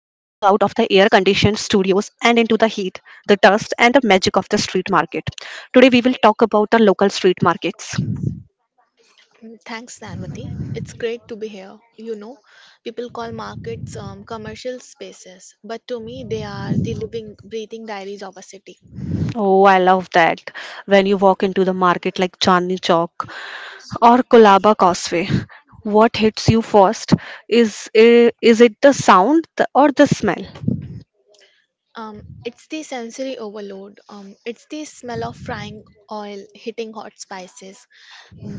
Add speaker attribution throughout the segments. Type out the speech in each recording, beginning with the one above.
Speaker 1: studios and into the heat, the dust, and the magic of the street market. Today we will talk about the local street markets.
Speaker 2: Thanks, Danvati. It's great to be here. You know, people call markets commercial spaces, but to me, they are the living, breathing diaries of a city.
Speaker 1: Oh, I love that. When you walk into the market like Chandni Chowk or Kolaba Causeway, what hits you first? Is it the sound or the smell?
Speaker 2: It's the sensory overload. It's the smell of frying oil hitting hot spices.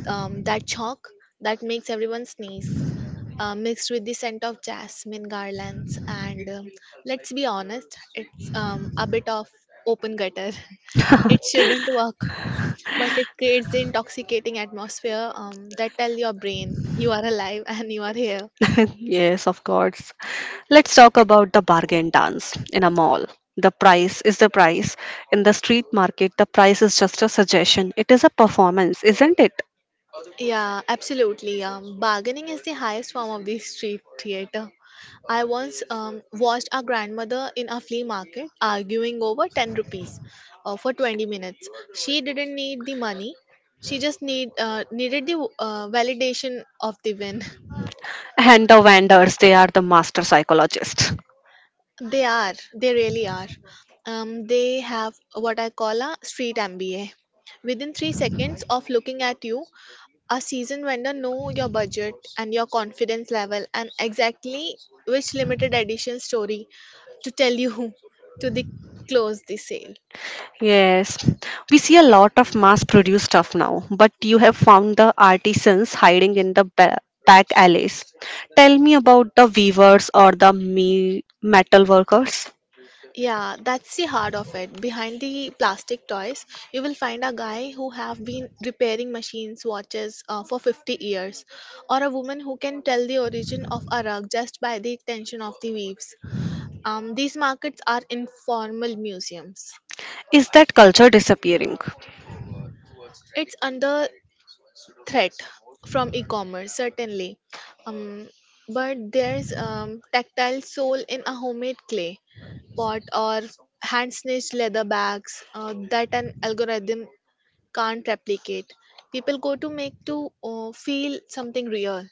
Speaker 2: That chalk that makes everyone sneeze, mixed with the scent of jasmine garlands. And let's be honest, it's a bit of open gutter. It shouldn't work, but it creates the intoxicating atmosphere that tell your brain you are alive and you are here.
Speaker 1: Yes, of course. Let's talk about the bargain dance in a mall. The price is the price. In the street market, the price is just a suggestion. It is a performance, isn't it?
Speaker 2: Yeah, absolutely. Bargaining is the highest form of the street theater. I once watched our grandmother in a flea market arguing over 10 rupees for 20 minutes. She didn't need the money, she just needed the validation of the win.
Speaker 1: And the vendors, they are the master psychologists.
Speaker 2: They are. They really are. They have what I call a street MBA. Within 3 seconds of looking at you, a seasoned vendor know your budget and your confidence level and exactly which limited edition story to tell you, to the close the sale.
Speaker 1: Yes, we see a lot of mass produced stuff now, but you have found the artisans hiding in the back alleys. Tell me about the weavers or the metal workers.
Speaker 2: Yeah, that's the heart of it. Behind the plastic toys, you will find a guy who have been repairing machines, watches for 50 years, or a woman who can tell the origin of a rug just by the tension of the weaves. These markets are informal museums.
Speaker 1: Is that culture disappearing?
Speaker 2: It's under threat from e-commerce certainly, um, but there's tactile sole in a homemade clay pot or hand stitched leather bags that an algorithm can't replicate. People go to make to feel something real.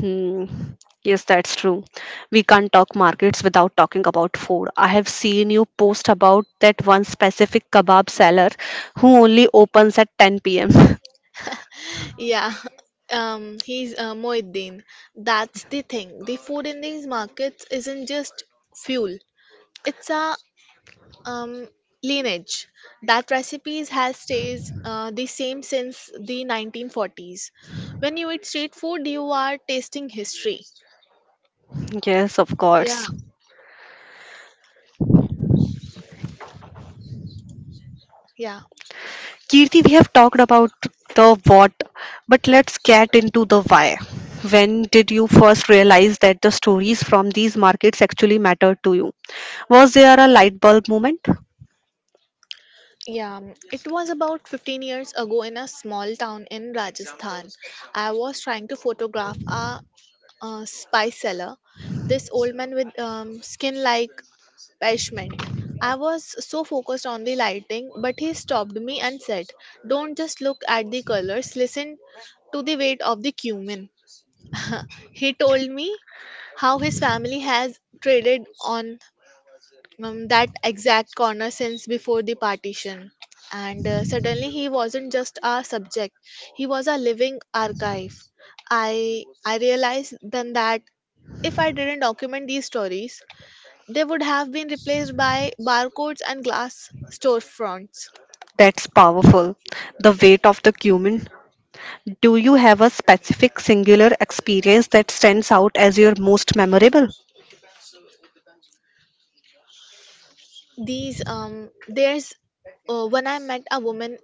Speaker 1: Hmm. Yes, that's true. We can't talk markets without talking about food. I have seen you post about that one specific kebab seller who only opens at 10 pm.
Speaker 2: Yeah. He's Moeddin. That's the thing. The food in these markets isn't just fuel. It's a um, lineage. That recipes has stayed the same since the 1940s. When you eat street food, you are tasting history.
Speaker 1: Yes, of
Speaker 2: Yeah,
Speaker 1: course.
Speaker 2: yeah,
Speaker 1: Kirti, we have talked about the what, but let's get into the why. When did you first realize that the stories from these markets actually mattered to you? Was there a light bulb moment?
Speaker 2: yeah. um, It was about 15 years ago in a small town in Rajasthan. I was trying to photograph a, spice seller, this old man with skin like parchment. I was so focused on the lighting, but he stopped me and said, don't just look at the colors, listen to the weight of the cumin. He told me how his family has traded on that exact corner since before the partition. And suddenly he wasn't just a subject, he was a living archive. I realized then that if I didn't document these stories, they would have been replaced by barcodes and glass storefronts.
Speaker 1: That's powerful. The weight of the cumin. Do you have a specific singular experience that stands out as your most memorable?
Speaker 2: These um there's uh, when I met a woman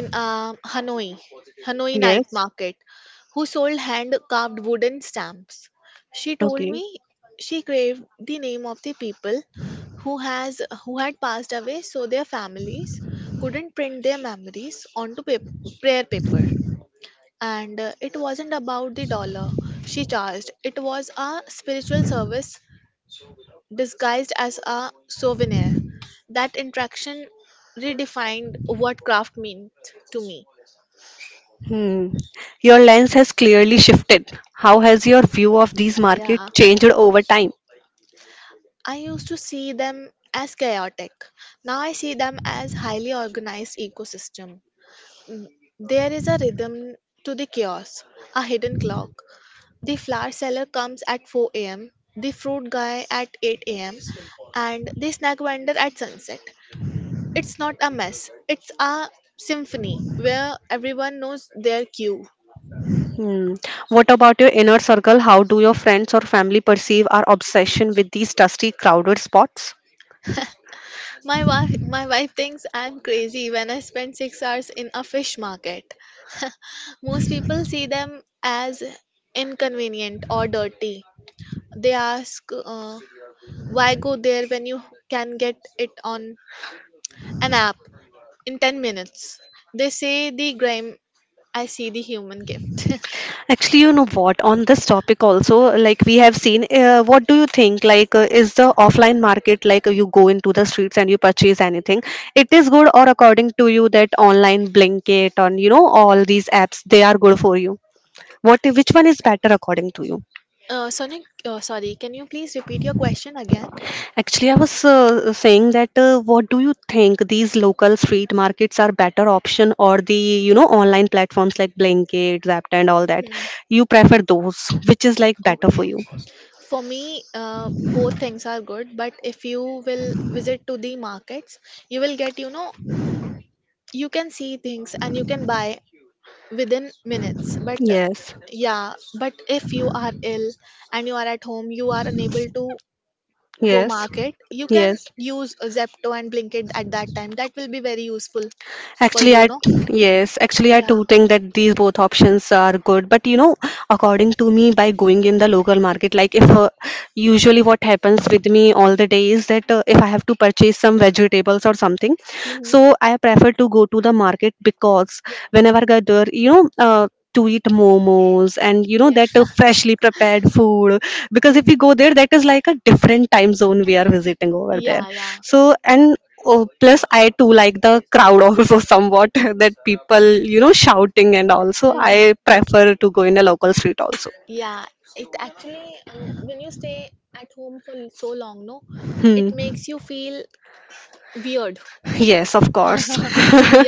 Speaker 2: in Hanoi, Hanoi night
Speaker 1: Yes.
Speaker 2: market, who sold hand carved wooden stamps. She told
Speaker 1: Okay.
Speaker 2: me she craved the name of the people who had passed away so their families couldn't print their memories onto prayer paper, and it wasn't about the dollar she charged. It was a spiritual service disguised as a souvenir. That interaction redefined what craft meant to me.
Speaker 1: Hmm. Your lens has clearly shifted. How has your view of these markets
Speaker 2: Yeah.
Speaker 1: changed over time?
Speaker 2: I used to see them as chaotic. Now I see them as highly organized ecosystem. There is a rhythm to the chaos, a hidden clock. The flower seller comes at 4 a.m., the fruit guy at 8 a.m., and the snack vendor at sunset. It's not a mess, it's a symphony where everyone knows their cue.
Speaker 1: Hmm. What about your inner circle? How do your friends or family perceive our obsession with these dusty, crowded spots?
Speaker 2: My wife thinks I'm crazy when I spend 6 hours in a fish market. Most people see them as inconvenient or dirty. They ask, why go there when you can get it on an app in 10 minutes? They say the grime, I see the human gift.
Speaker 1: Actually, you know what? On this topic also, like we have seen, what do you think? Like, is the offline market like you go into the streets and you purchase anything? It is good, or according to you, that online Blinkit and you know all these apps, they are good for you. What, which one is better according to you?
Speaker 2: Sonic, sorry, can you please repeat your question again?
Speaker 1: Actually, I was saying that what do you think these local street markets are better option or the you know online platforms like Blinkit, Zapped and all that?
Speaker 2: Hmm.
Speaker 1: You prefer those, which is like better for
Speaker 2: Okay.
Speaker 1: you?
Speaker 2: For me, both things are good, but if you will visit to the markets, you will get, you know, you can see things and you can buy within minutes. But
Speaker 1: Yes.
Speaker 2: yeah, but if you are ill and you are at home, you are unable to go
Speaker 1: Yes.
Speaker 2: market, you can
Speaker 1: Yes.
Speaker 2: use Zepto and Blinkit at that time. That will be very useful for
Speaker 1: Actually,
Speaker 2: you,
Speaker 1: I
Speaker 2: no?
Speaker 1: Yes, actually I
Speaker 2: Yeah.
Speaker 1: do think that these both options are good. But you know, according to me, by going in the local market, like if usually what happens with me all the day is that if I have to purchase some vegetables or something,
Speaker 2: Mhm.
Speaker 1: so I prefer to go to the market because whenever I go, you know. To eat momos
Speaker 2: And
Speaker 1: and
Speaker 2: you
Speaker 1: you
Speaker 2: know,
Speaker 1: know
Speaker 2: yeah,
Speaker 1: that
Speaker 2: that is
Speaker 1: freshly
Speaker 2: freshly prepared
Speaker 1: prepared
Speaker 2: food.
Speaker 1: food, because
Speaker 2: Because if,
Speaker 1: if
Speaker 2: mm,
Speaker 1: we
Speaker 2: you go
Speaker 1: go there,
Speaker 2: there,
Speaker 1: that
Speaker 2: that
Speaker 1: is
Speaker 2: is
Speaker 1: like a different time zone
Speaker 2: way
Speaker 1: we are
Speaker 2: around.
Speaker 1: visiting over there,
Speaker 2: Yeah, yeah. So
Speaker 1: so
Speaker 2: and
Speaker 1: and oh,
Speaker 2: yes,
Speaker 1: plus
Speaker 2: I
Speaker 1: I
Speaker 2: too
Speaker 1: too
Speaker 2: like
Speaker 1: like
Speaker 2: the
Speaker 1: the
Speaker 2: crowd,
Speaker 1: crowd
Speaker 2: over
Speaker 1: also somewhat
Speaker 2: that
Speaker 1: that people,
Speaker 2: you
Speaker 1: you know,
Speaker 2: know shout.
Speaker 1: shouting and
Speaker 2: So,
Speaker 1: also
Speaker 2: mhm, I
Speaker 1: I prefer
Speaker 2: primarily
Speaker 1: to go in a local street
Speaker 2: because,
Speaker 1: also.
Speaker 2: yeah, it actually um, when you stay at home for so long, no, hmm, it
Speaker 1: Hmm.
Speaker 2: makes you feel weird.
Speaker 1: Yes, of course.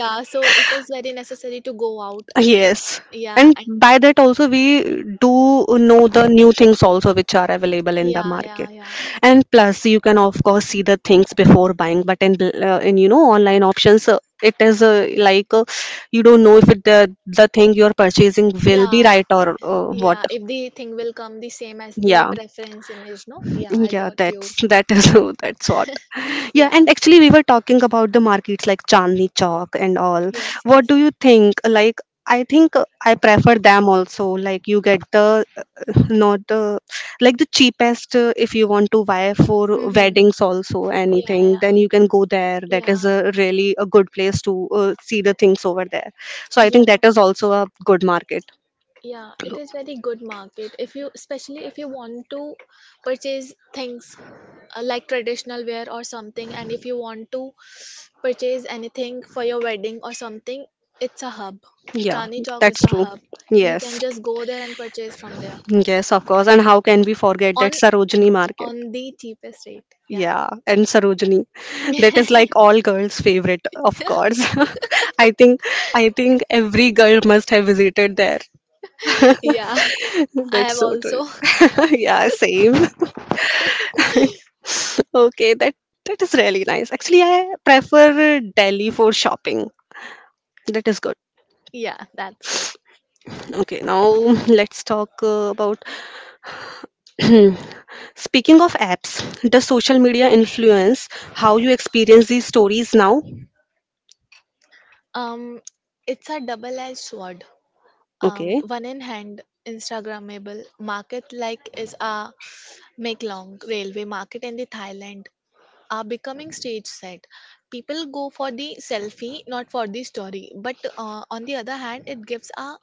Speaker 2: so it is very necessary to go out.
Speaker 1: Yes.
Speaker 2: Yeah. and
Speaker 1: And
Speaker 2: and by
Speaker 1: by
Speaker 2: that
Speaker 1: that
Speaker 2: also
Speaker 1: also
Speaker 2: we,
Speaker 1: we do know the new things also which are available in the
Speaker 2: yeah, yeah,
Speaker 1: market.
Speaker 2: yeah.
Speaker 1: And plus you can of course see the things before buying, but in you know online options, it is like you don't know if the thing you are purchasing will be right or what.
Speaker 2: Yeah, if the thing will come the same as
Speaker 1: Yeah.
Speaker 2: preference image, no. Yeah, I
Speaker 1: Yeah,
Speaker 2: got you.
Speaker 1: that is that's what. Yeah,
Speaker 2: Yeah.
Speaker 1: and actually we were talking about the markets like Chandni Chowk and all. What do you think? Like I think I prefer them also. Like you get the, not the, like the cheapest, if you want to buy for weddings also anything, then you can go there. That is a really a good place to see the things over there. So I think that is also a good market.
Speaker 2: Yeah, it is very good market, if you, especially if you want to purchase things like traditional wear or something, and if you want to purchase anything for your wedding or something, it's a hub.
Speaker 1: Yeah,
Speaker 2: Chani Chowk is
Speaker 1: that's
Speaker 2: a
Speaker 1: true.
Speaker 2: hub. You can
Speaker 1: Yes.
Speaker 2: just go there and purchase from there
Speaker 1: Yes, of course. And how can we forget
Speaker 2: on
Speaker 1: that Sarojini market?
Speaker 2: on the cheapest rate. Yeah.
Speaker 1: Yeah, and Sarojini. That is like all girls' favorite, of course. I think I think every girl must have visited there.
Speaker 2: Yeah, I have
Speaker 1: That's so
Speaker 2: also.
Speaker 1: true. Yeah, same. Okay, that is really nice. Actually, I prefer Delhi for shopping. That is good.
Speaker 2: Yeah, that's good.
Speaker 1: Okay, now let's talk about speaking of apps, does social media influence how you experience these stories now?
Speaker 2: Um, it's a double-edged sword.
Speaker 1: Okay.
Speaker 2: One in hand, Instagrammable market like is a Meklong railway market in the Thailand are becoming stage set. People go for the selfie, not for the story. But on the other hand, it gives a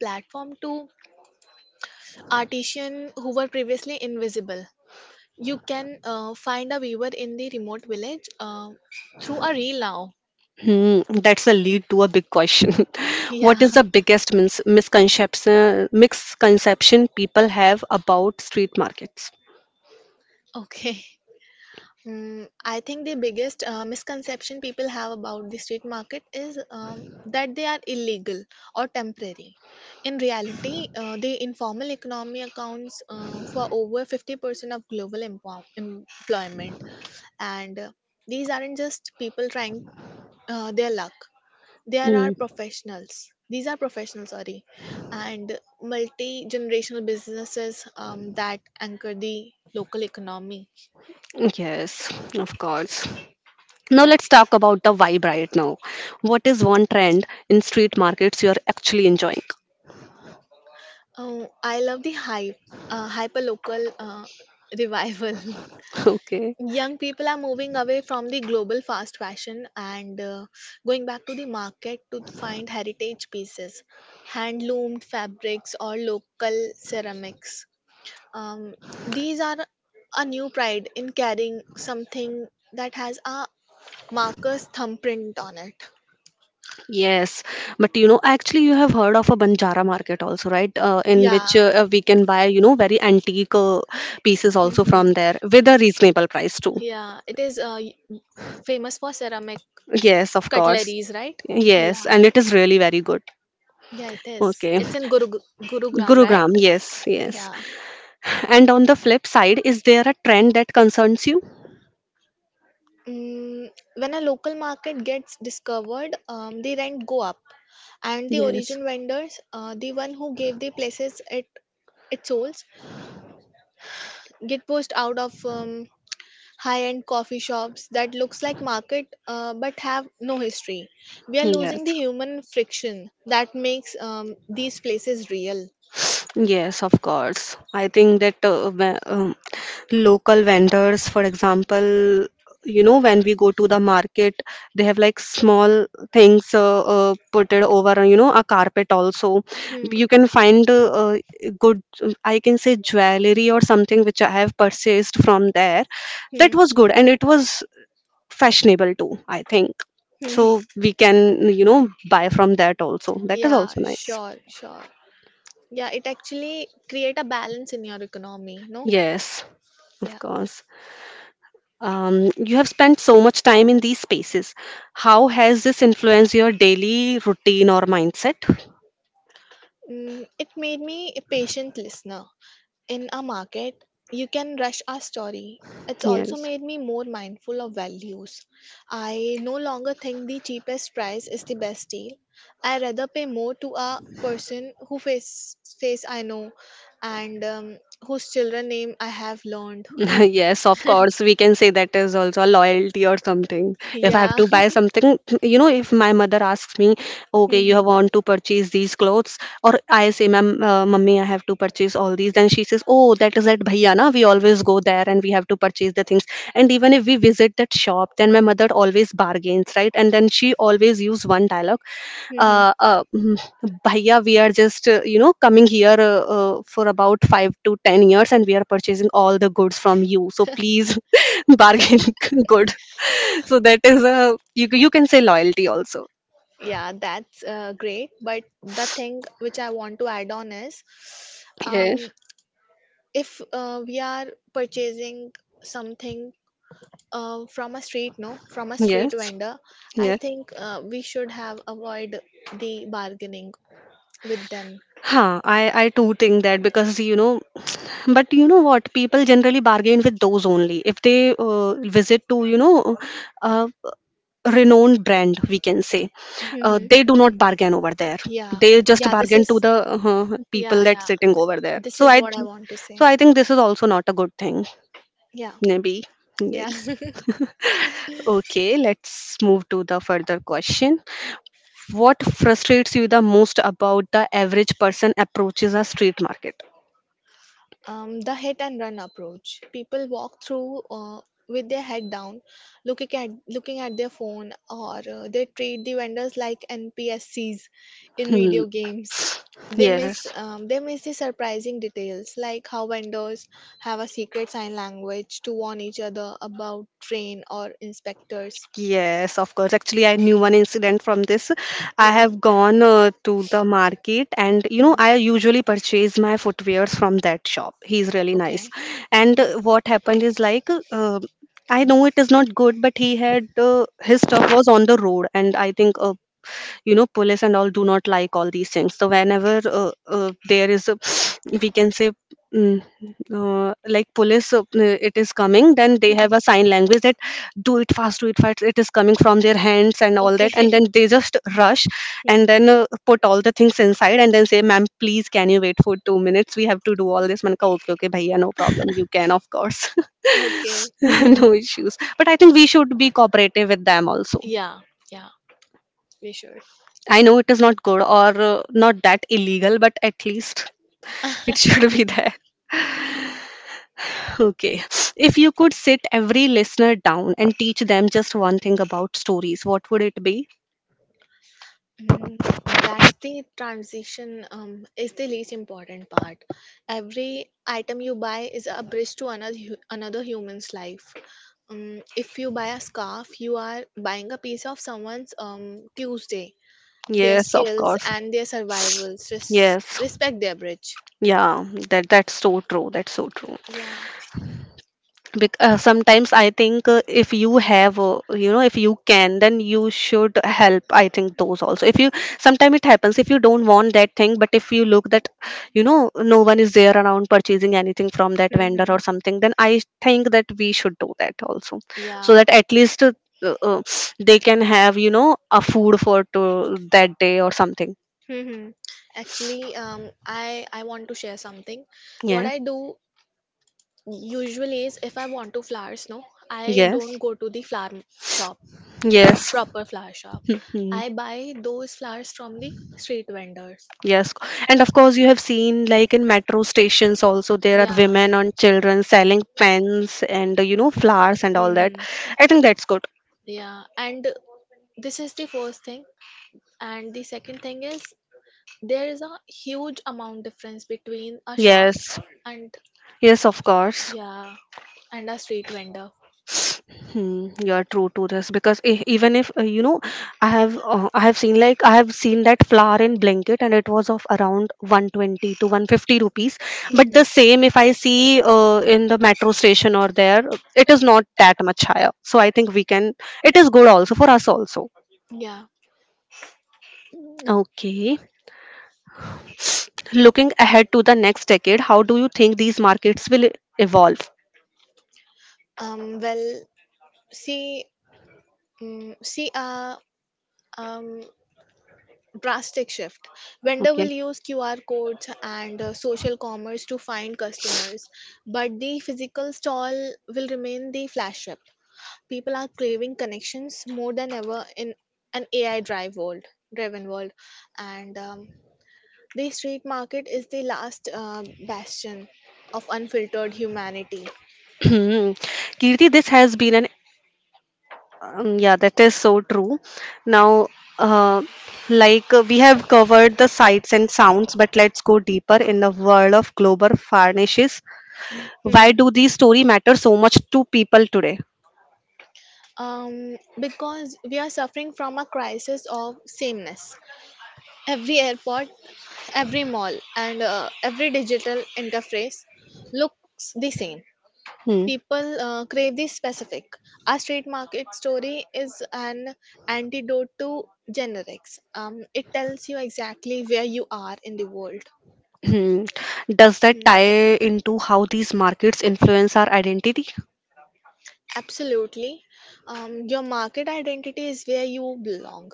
Speaker 2: platform to artisans who were previously invisible. You can find a viewer in the remote village through a reel now.
Speaker 1: Hmm, that's a lead to a big question.
Speaker 2: Yeah.
Speaker 1: What is the biggest misconception people have about street markets?
Speaker 2: Okay. I think the biggest misconception people have about the street market is that they are illegal or temporary. In reality, the informal economy accounts for over 50% of global employment. And these aren't just people trying their luck, there are
Speaker 1: Mm.
Speaker 2: professionals. These are professionals, sorry, and multi generational businesses that anchor the local economy.
Speaker 1: Yes, of course. Now
Speaker 2: Yeah.
Speaker 1: let's talk about the vibe right now. What is one trend in street markets you are actually enjoying?
Speaker 2: Oh, I love the hyperlocal revival.
Speaker 1: Okay.
Speaker 2: Young people are moving away from the global fast fashion and going back to the market to find heritage pieces, hand loomed fabrics, or local ceramics. Um, these are a new pride in carrying something that has a marker's thumbprint on it.
Speaker 1: Yes, but you know, actually, you have heard of a Banjara market also, right? Uh, in
Speaker 2: Yeah.
Speaker 1: which uh,
Speaker 2: Mhm.
Speaker 1: uh, we can buy, you know, very antique pieces also from there with a reasonable price too.
Speaker 2: Yeah, it is famous for ceramic
Speaker 1: Yes, of course.
Speaker 2: cutleries, right? Yeah.
Speaker 1: Yes, and it is really very good.
Speaker 2: Yeah, it is.
Speaker 1: Okay.
Speaker 2: It's in Gurugram, right?
Speaker 1: Gurugram, yes, yes.
Speaker 2: Yeah.
Speaker 1: And on the flip side, is there a trend that concerns you?
Speaker 2: Mm, when a local market gets discovered, the rent go up, and the
Speaker 1: Yes.
Speaker 2: origin vendors, the one who gave the places it it sold, get pushed out of high-end coffee shops that looks like market but have no history. We are
Speaker 1: Yes.
Speaker 2: losing the human friction that makes these places real.
Speaker 1: Yes, of course. I think that local vendors, for example, you know, when we go to the market, they have like small things put it over, you know, a carpet also.
Speaker 2: Hmm.
Speaker 1: You can find good, I can say jewelry or something which I have purchased from there. That was good and it was fashionable too, I think.
Speaker 2: Hmm. Hmm.
Speaker 1: So we can, you know, buy from that also. That is
Speaker 2: Yeah,
Speaker 1: also nice.
Speaker 2: sure, sure. Yeah, it actually create a balance in your economy, no?
Speaker 1: Yes, of
Speaker 2: Yeah.
Speaker 1: course. You have spent so much time in these spaces. How has this influenced your daily routine or mindset?
Speaker 2: It made me a patient listener. In a market, you can rush our story. It's also
Speaker 1: Yes,
Speaker 2: made me more mindful of values. I no longer think the cheapest price is the best deal. I rather pay more to a person who face I know, and whose children name I have learned.
Speaker 1: yes, of course. We can say that is also a loyalty or something. If I have
Speaker 2: Yeah.
Speaker 1: to buy something, you know, if my mother asks me, okay, you have
Speaker 2: Mhm.
Speaker 1: want to purchase these clothes, or I say, ma'am, mummy, I have to purchase all these, then she says, oh, that is that bhaiya na. We always go there and we have to purchase the things. And even if we visit that shop, then my mother always bargains, right? And then she always use one dialogue
Speaker 2: Mhm.
Speaker 1: uh, uh, mm, bhaiya, we are just you know coming here for about 5 to 10 years and we are purchasing all the goods from you, so please bargain good. So that is a, you can say loyalty also.
Speaker 2: Yeah, that's great. But the thing which I want to add on is,
Speaker 1: Yes.
Speaker 2: um, if we are purchasing something from a street, no, from a street
Speaker 1: Yes.
Speaker 2: vendor, I
Speaker 1: Yes.
Speaker 2: think we should have avoid the bargaining with them.
Speaker 1: Huh, I too think that because you know, but you know what? People generally bargain with those only if they visit to you know, uh, renowned brand we can say.
Speaker 2: Mhm.
Speaker 1: They do not bargain over there.
Speaker 2: Yeah,
Speaker 1: They just
Speaker 2: yeah, this
Speaker 1: bargain to
Speaker 2: is,
Speaker 1: the people
Speaker 2: yeah,
Speaker 1: that's
Speaker 2: yeah,
Speaker 1: sitting
Speaker 2: th-
Speaker 1: over there.
Speaker 2: this is what I want to say.
Speaker 1: So I think this is also not a good thing.
Speaker 2: Yeah,
Speaker 1: Maybe
Speaker 2: yeah.
Speaker 1: yes. Okay, let's move to the further question. What frustrates you the most about the average person approaches a street market?
Speaker 2: The hit and run approach. People walk through with their head down, looking at their phone, or they treat the vendors like NPSCs in
Speaker 1: Hmm.
Speaker 2: video games.
Speaker 1: Yes.
Speaker 2: They miss the surprising details like how vendors have a secret sign language to warn each other about train or inspectors.
Speaker 1: Yes, of course. Actually, I knew one incident from this. I
Speaker 2: Yeah.
Speaker 1: have gone to the market and you know,
Speaker 2: Mm.
Speaker 1: I usually purchase my footwears from that shop. He's really nice.
Speaker 2: Okay.
Speaker 1: And
Speaker 2: Mm.
Speaker 1: what happened is like I know it is not good, but he had his stuff was on the road, and I think you know police and all do not like all these things. So whenever there is a we can say mm, like police it is coming, then they have a sign language that do it fast, do it fast, it is coming from their hands and all that,
Speaker 2: Okay.
Speaker 1: and then they just rush and then put all the things inside and then say, ma'am, please can you wait for 2 minutes, we have to do all this, man. Okay, okay, bhaiya, no problem, you can of course
Speaker 2: Hmm. Okay.
Speaker 1: no issues, but I think we should be cooperative with them also.
Speaker 2: Yeah. Yeah. We should.
Speaker 1: I know it is not good or not that illegal, but at least it should be there. Okay. If you could sit every listener down and teach them just one thing about stories, what would it be?
Speaker 2: Mm, that's the transition is the least important part. Every item you buy is a bridge to another human's life. If you buy a scarf, you are buying a piece of someone's Tuesday, their
Speaker 1: Yes, of
Speaker 2: skills
Speaker 1: course.
Speaker 2: and their survivals.
Speaker 1: Yes.
Speaker 2: Respect their bridge.
Speaker 1: Yeah, that's so true. That's so true.
Speaker 2: Yeah.
Speaker 1: Sometimes I think if you have you know if you can, then you should help. I think those also, if you sometimes it happens, if you don't want that thing, but if you look that you know no one is there around purchasing anything from that vendor
Speaker 2: Mhm.
Speaker 1: or something, then I think that we should do that also,
Speaker 2: Yeah.
Speaker 1: so that at least uh, they can have you know a food for to that day or something.
Speaker 2: Hmm. Actually, I want to share something. What
Speaker 1: Yeah.
Speaker 2: I do, usually, is if I want to flowers, no, I don't
Speaker 1: Yes.
Speaker 2: go to the flower shop,
Speaker 1: Yes.
Speaker 2: proper flower shop.
Speaker 1: Mhm.
Speaker 2: I buy those flowers from the street vendors.
Speaker 1: Yes, and of course you have seen like in metro stations also there are
Speaker 2: Yeah.
Speaker 1: women and children selling pens and you know flowers and all that.
Speaker 2: Hmm.
Speaker 1: I think that's good.
Speaker 2: Yeah, and this is the first thing. And the second thing is there is a huge amount difference between a shop
Speaker 1: Yes,
Speaker 2: and,
Speaker 1: yes, of course.
Speaker 2: yeah, and a street vendor.
Speaker 1: Hmm, you're true to this because even if I have seen that flower in blanket and it was of around 120 to 150 rupees. But the same
Speaker 2: Hmm.
Speaker 1: if I see in the metro station or there, it is not that much higher. So I think we can. It is good also for us also.
Speaker 2: Yeah.
Speaker 1: Okay, looking ahead to the next decade, how do you think these markets will evolve?
Speaker 2: Well, see, see a um, drastic shift. Vendor will use QR codes and social commerce to find customers, but the physical stall will remain the flagship. People are craving connections more than ever in an driven world, and the street market is the last bastion of unfiltered humanity.
Speaker 1: Hmm. Kirti, this has been an yeah, that is so true. Now, uh, like we have covered the sights and sounds, but let's go deeper in the world of global varnishes. Why
Speaker 2: Hmm.
Speaker 1: do these story matter so much to people today?
Speaker 2: Um, because we are suffering from a crisis of sameness. Every airport, every mall, and every digital interface looks the same.
Speaker 1: Hmm.
Speaker 2: People crave the specific. Our street market story is an antidote to generics. It tells you exactly where you are in the world.
Speaker 1: Hmm. Does that
Speaker 2: Hmm.
Speaker 1: tie into how these markets influence our identity?
Speaker 2: Absolutely. Your market identity is where you belong.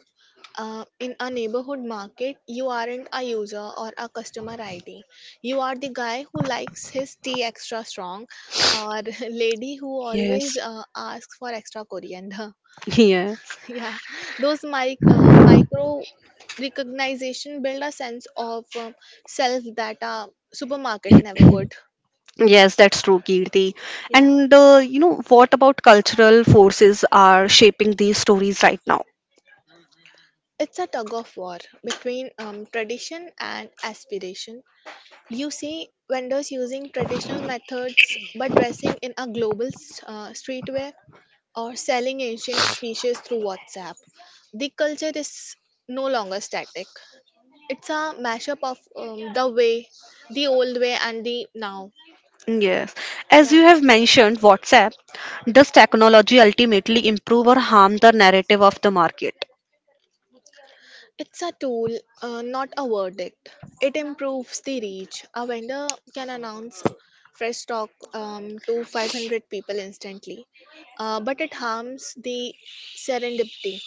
Speaker 2: In a neighborhood market, you aren't a user or a customer ID. You are the guy who likes his tea extra strong or lady who always
Speaker 1: Yes.
Speaker 2: asks for extra coriander.
Speaker 1: Yes.
Speaker 2: Yeah, those micro recognition build a sense of self that a supermarket never could.
Speaker 1: Yes, that's true, Kirti.
Speaker 2: Yeah,
Speaker 1: And you know, what about cultural forces are shaping these stories right now?
Speaker 2: it's a tug of war between tradition and aspiration. You see vendors using traditional methods but dressing in a streetwear, or selling ancient species through WhatsApp. The culture is no longer static. It's a mashup of the old way and the now.
Speaker 1: Yes. As
Speaker 2: Yeah,
Speaker 1: you have mentioned, WhatsApp, does technology ultimately improve or harm the narrative of the market?
Speaker 2: it's a tool, not a verdict. It improves the reach. A vendor can announce fresh stock to 500 people instantly, but it harms the serendipity.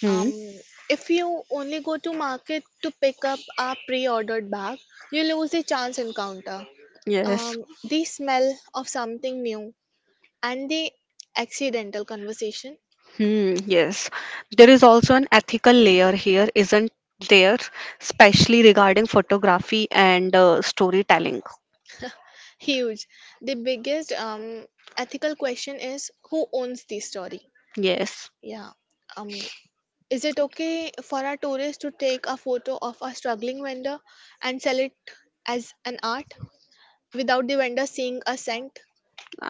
Speaker 1: Hmm.
Speaker 2: Um, if you only go to market to pick up a pre-ordered bag, you lose the chance encounter.
Speaker 1: Yes.
Speaker 2: The smell of something new and the accidental conversation.
Speaker 1: Hmm, yes. There is also an ethical layer here, isn't there? Especially regarding photography and storytelling.
Speaker 2: Huge. The biggest ethical question is, who owns the story?
Speaker 1: Yes.
Speaker 2: Yeah. Um, is it okay for a tourist to take a photo of a struggling vendor and sell it as an art without the vendor seeing a cent?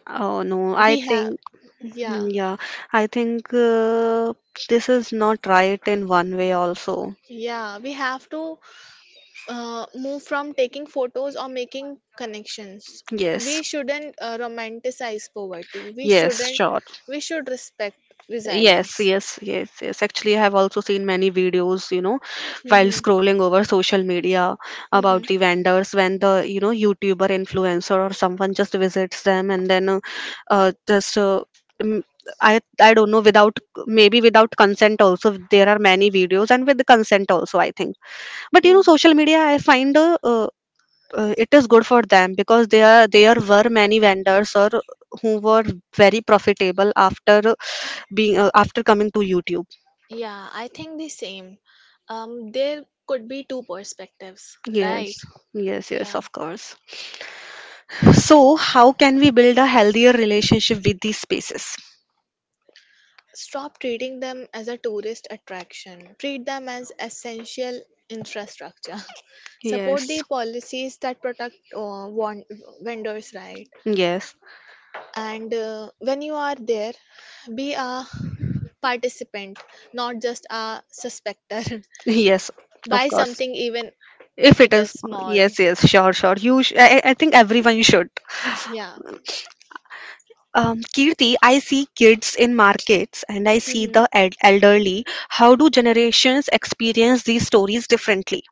Speaker 1: Oh, no.
Speaker 2: We have,
Speaker 1: Hmm,
Speaker 2: yeah,
Speaker 1: yeah, I think this is not right in one way, also.
Speaker 2: yeah, we have to move from taking photos or making connections. We
Speaker 1: Yes.
Speaker 2: shouldn't romanticize poverty, we
Speaker 1: Yes,
Speaker 2: shouldn't,
Speaker 1: sure.
Speaker 2: we should respect resilience.
Speaker 1: Yes, yes, yes, yes. Actually, I have also seen many videos, you know, while
Speaker 2: Mhm.
Speaker 1: scrolling over social media
Speaker 2: Mhm.
Speaker 1: about
Speaker 2: Mm.
Speaker 1: the vendors when the, you know, YouTuber influencer or someone just visits them and then just mm, I don't know without maybe without consent also there are many videos and with the consent also I think. But you know, social media I find it is good for them because there were many vendors or who were very profitable after being after coming to YouTube.
Speaker 2: Yeah, I think the same. There could be two perspectives,
Speaker 1: Yes,
Speaker 2: right?
Speaker 1: yes, yes,
Speaker 2: Yeah.
Speaker 1: of course. So how can we build a healthier relationship with these spaces?
Speaker 2: Stop treating them as a tourist attraction. Treat them as essential infrastructure. Support the
Speaker 1: Yes,
Speaker 2: policies that protect vendors' right.
Speaker 1: yes.
Speaker 2: And when you are there, be a participant, not just a suspector.
Speaker 1: Yes,
Speaker 2: Buy
Speaker 1: of course,
Speaker 2: something even
Speaker 1: if
Speaker 2: if
Speaker 1: it
Speaker 2: it is
Speaker 1: is.
Speaker 2: small.
Speaker 1: Yes, yes, sure, sure, you sh- I think everyone should.
Speaker 2: Yeah.
Speaker 1: Kirti, I see kids in markets and I see
Speaker 2: Hmm.
Speaker 1: the elderly. How do generations experience these stories differently?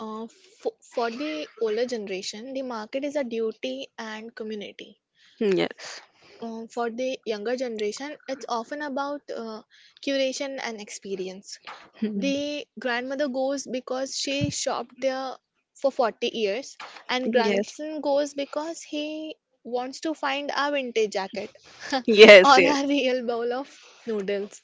Speaker 2: Uh, for the older generation, the market is a duty and community.
Speaker 1: Yes.
Speaker 2: For the younger generation, it's often about curation and experience.
Speaker 1: Hmm.
Speaker 2: The grandmother goes because she shopped there for 40 years, and
Speaker 1: Yes.
Speaker 2: grandson goes because he wants to find a vintage jacket or
Speaker 1: Yes. Yeah.
Speaker 2: a real bowl of noodles.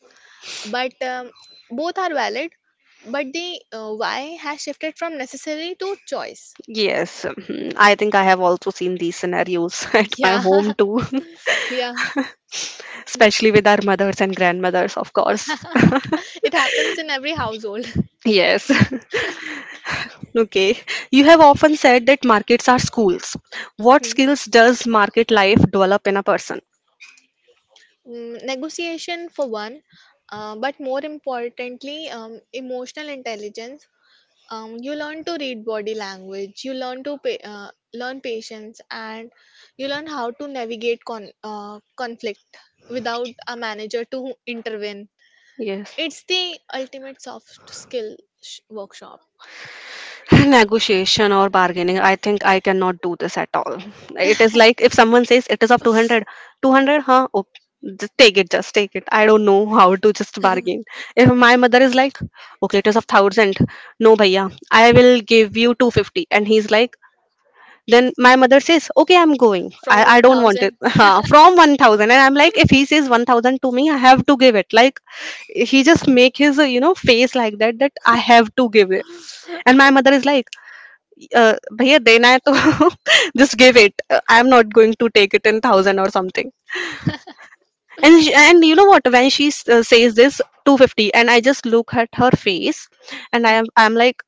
Speaker 2: But both are valid, but the why has shifted from necessary to choice.
Speaker 1: Yes. Mhm. I think I have also seen these scenarios at my
Speaker 2: Yeah,
Speaker 1: home too,
Speaker 2: yeah.
Speaker 1: especially with our mothers and grandmothers, of course.
Speaker 2: It happens in every household.
Speaker 1: Yes. Okay. You have often said that markets are schools. What
Speaker 2: Hmm.
Speaker 1: skills does market life develop in a person?
Speaker 2: Mm, negotiation for one, but more importantly, emotional intelligence. You learn to read body language. You learn to learn patience, and you learn how to navigate conflict without a manager to intervene.
Speaker 1: Yes.
Speaker 2: It's the ultimate soft skill workshop.
Speaker 1: Negotiation or bargaining, I think I cannot do this at all. It is like if someone says it is of 200, 200, huh, oh, just take it, just take it. I don't know how to just bargain. If my mother is like, okay, it is of 1000, no bhaiya, I will give you 250, and he's like. Then my mother says, "Okay, I'm going. I,
Speaker 2: From
Speaker 1: I
Speaker 2: one
Speaker 1: don't want it."
Speaker 2: thousand.
Speaker 1: From 1000, and I'm like, if he says 1000 to me, I have to give it. Like he just make his you know, face like that, that I have to give it. And my mother is like, uh, "भैया देना है तो just give it. I'm not going to take it in thousand or something." And she, and you know what? When she says this 250, and I just look at her face, and I'm like,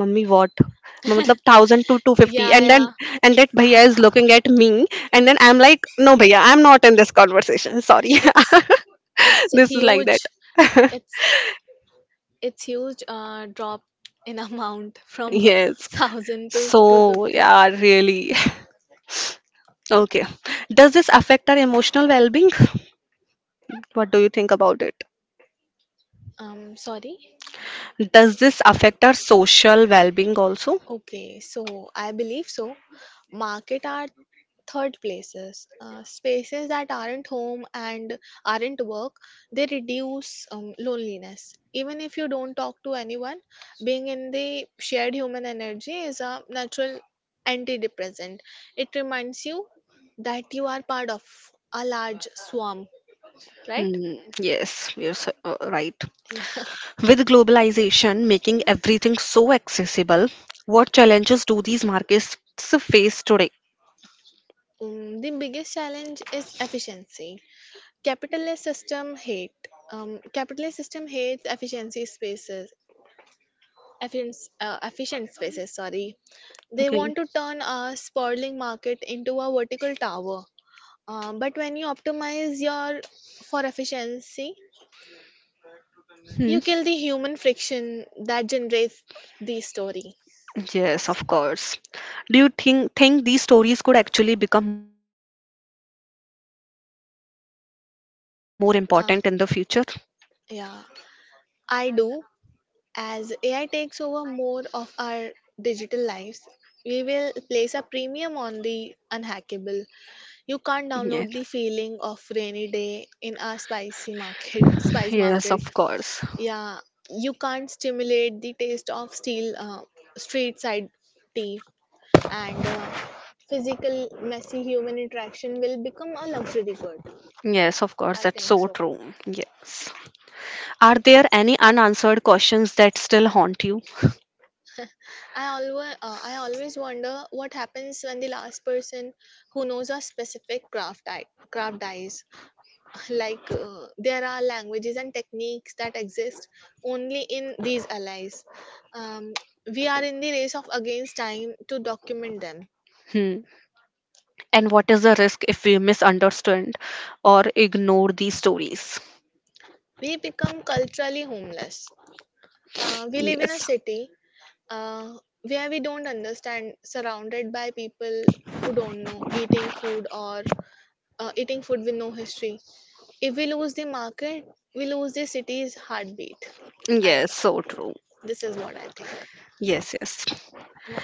Speaker 1: mummy, what म- मतलब 1000 to 250? And then,
Speaker 2: Yeah,
Speaker 1: and that bhaiya is looking at me, and then I'm like, no bhaiya, I'm not in this conversation, sorry.
Speaker 2: yeah. It's
Speaker 1: This is like that.
Speaker 2: huge, it's it's huge, drop in amount. From one
Speaker 1: Yes.
Speaker 2: thousand to two
Speaker 1: So,
Speaker 2: fifty
Speaker 1: yeah, really. Okay. Does this affect our emotional well-being? What do you think about it?
Speaker 2: Sorry.
Speaker 1: Does this affect our social well being also?
Speaker 2: Okay, so I believe so. Market are third places, spaces that aren't home and aren't work. They reduce loneliness. Even if you don't talk to anyone, being in the shared human energy is a natural antidepressant. It reminds you that you are part of a large swarm, right?
Speaker 1: Hmm, yes, you're so, right.
Speaker 2: Yeah.
Speaker 1: With globalization making everything so accessible, what challenges do these markets face today?
Speaker 2: The biggest challenge is efficiency capitalist system hate capitalist system hates efficient spaces, sorry. They
Speaker 1: Okay.
Speaker 2: want to turn a sprawling market into a vertical tower, but when you optimize your for efficiency,
Speaker 1: Hmm.
Speaker 2: you kill the human friction that generates the story.
Speaker 1: Yes, of course. Do you think these stories could actually become more important in the future?
Speaker 2: um, as a, uh, yeah, I do. As AI takes over more of our digital lives, we will place a premium on the unhackable. You
Speaker 1: Yes.
Speaker 2: can't download the feeling of rainy day in a spicy market, spice
Speaker 1: Yes, of
Speaker 2: market.
Speaker 1: course.
Speaker 2: Yeah, you can't stimulate the taste of steel street side tea, and physical messy human interaction will become a luxury good.
Speaker 1: Yes, of course.
Speaker 2: I
Speaker 1: That's
Speaker 2: think
Speaker 1: so
Speaker 2: so.
Speaker 1: true. Yes. Are there any unanswered questions that still haunt you?
Speaker 2: I always wonder what happens when the last person who knows a specific craft dies. Like there are languages and techniques that exist only in these allies. um, we are in the race of against time to document them.
Speaker 1: Hmm. And what is the risk if we misunderstand or ignore these stories?
Speaker 2: We become culturally homeless. We live in a
Speaker 1: Yes.
Speaker 2: city, uh, where we don't understand, surrounded by people who don't know eating food with no history. If we lose the market, we lose the city's heartbeat. I,
Speaker 1: Yes, so true.
Speaker 2: this is what I think.
Speaker 1: Yes, yes.
Speaker 2: Yeah,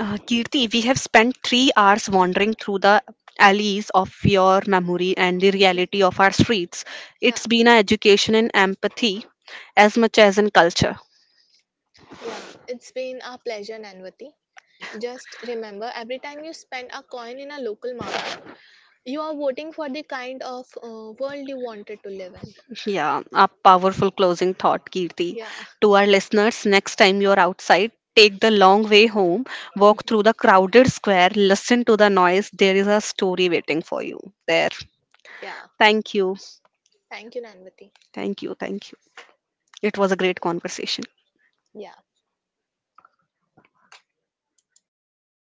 Speaker 1: Kirti, we have spent 3 hours wandering through the alleys of your memory and the reality of our streets.
Speaker 2: yeah.
Speaker 1: It's been an education in empathy as much as in culture.
Speaker 2: Yeah, it's been a pleasure, Nanvati. Just remember, every time you spend a coin in a local market, you are voting for the kind of world you wanted to live in.
Speaker 1: Yeah, a powerful closing thought, Kirti.
Speaker 2: Yeah,
Speaker 1: To our listeners, next time you're outside, take the long way home, walk through the crowded square, listen to the noise. There is a story waiting for you there.
Speaker 2: yeah.
Speaker 1: Thank you.
Speaker 2: Thank you, Nanvati.
Speaker 1: Thank you. Thank you. It was a great conversation.
Speaker 2: Yeah.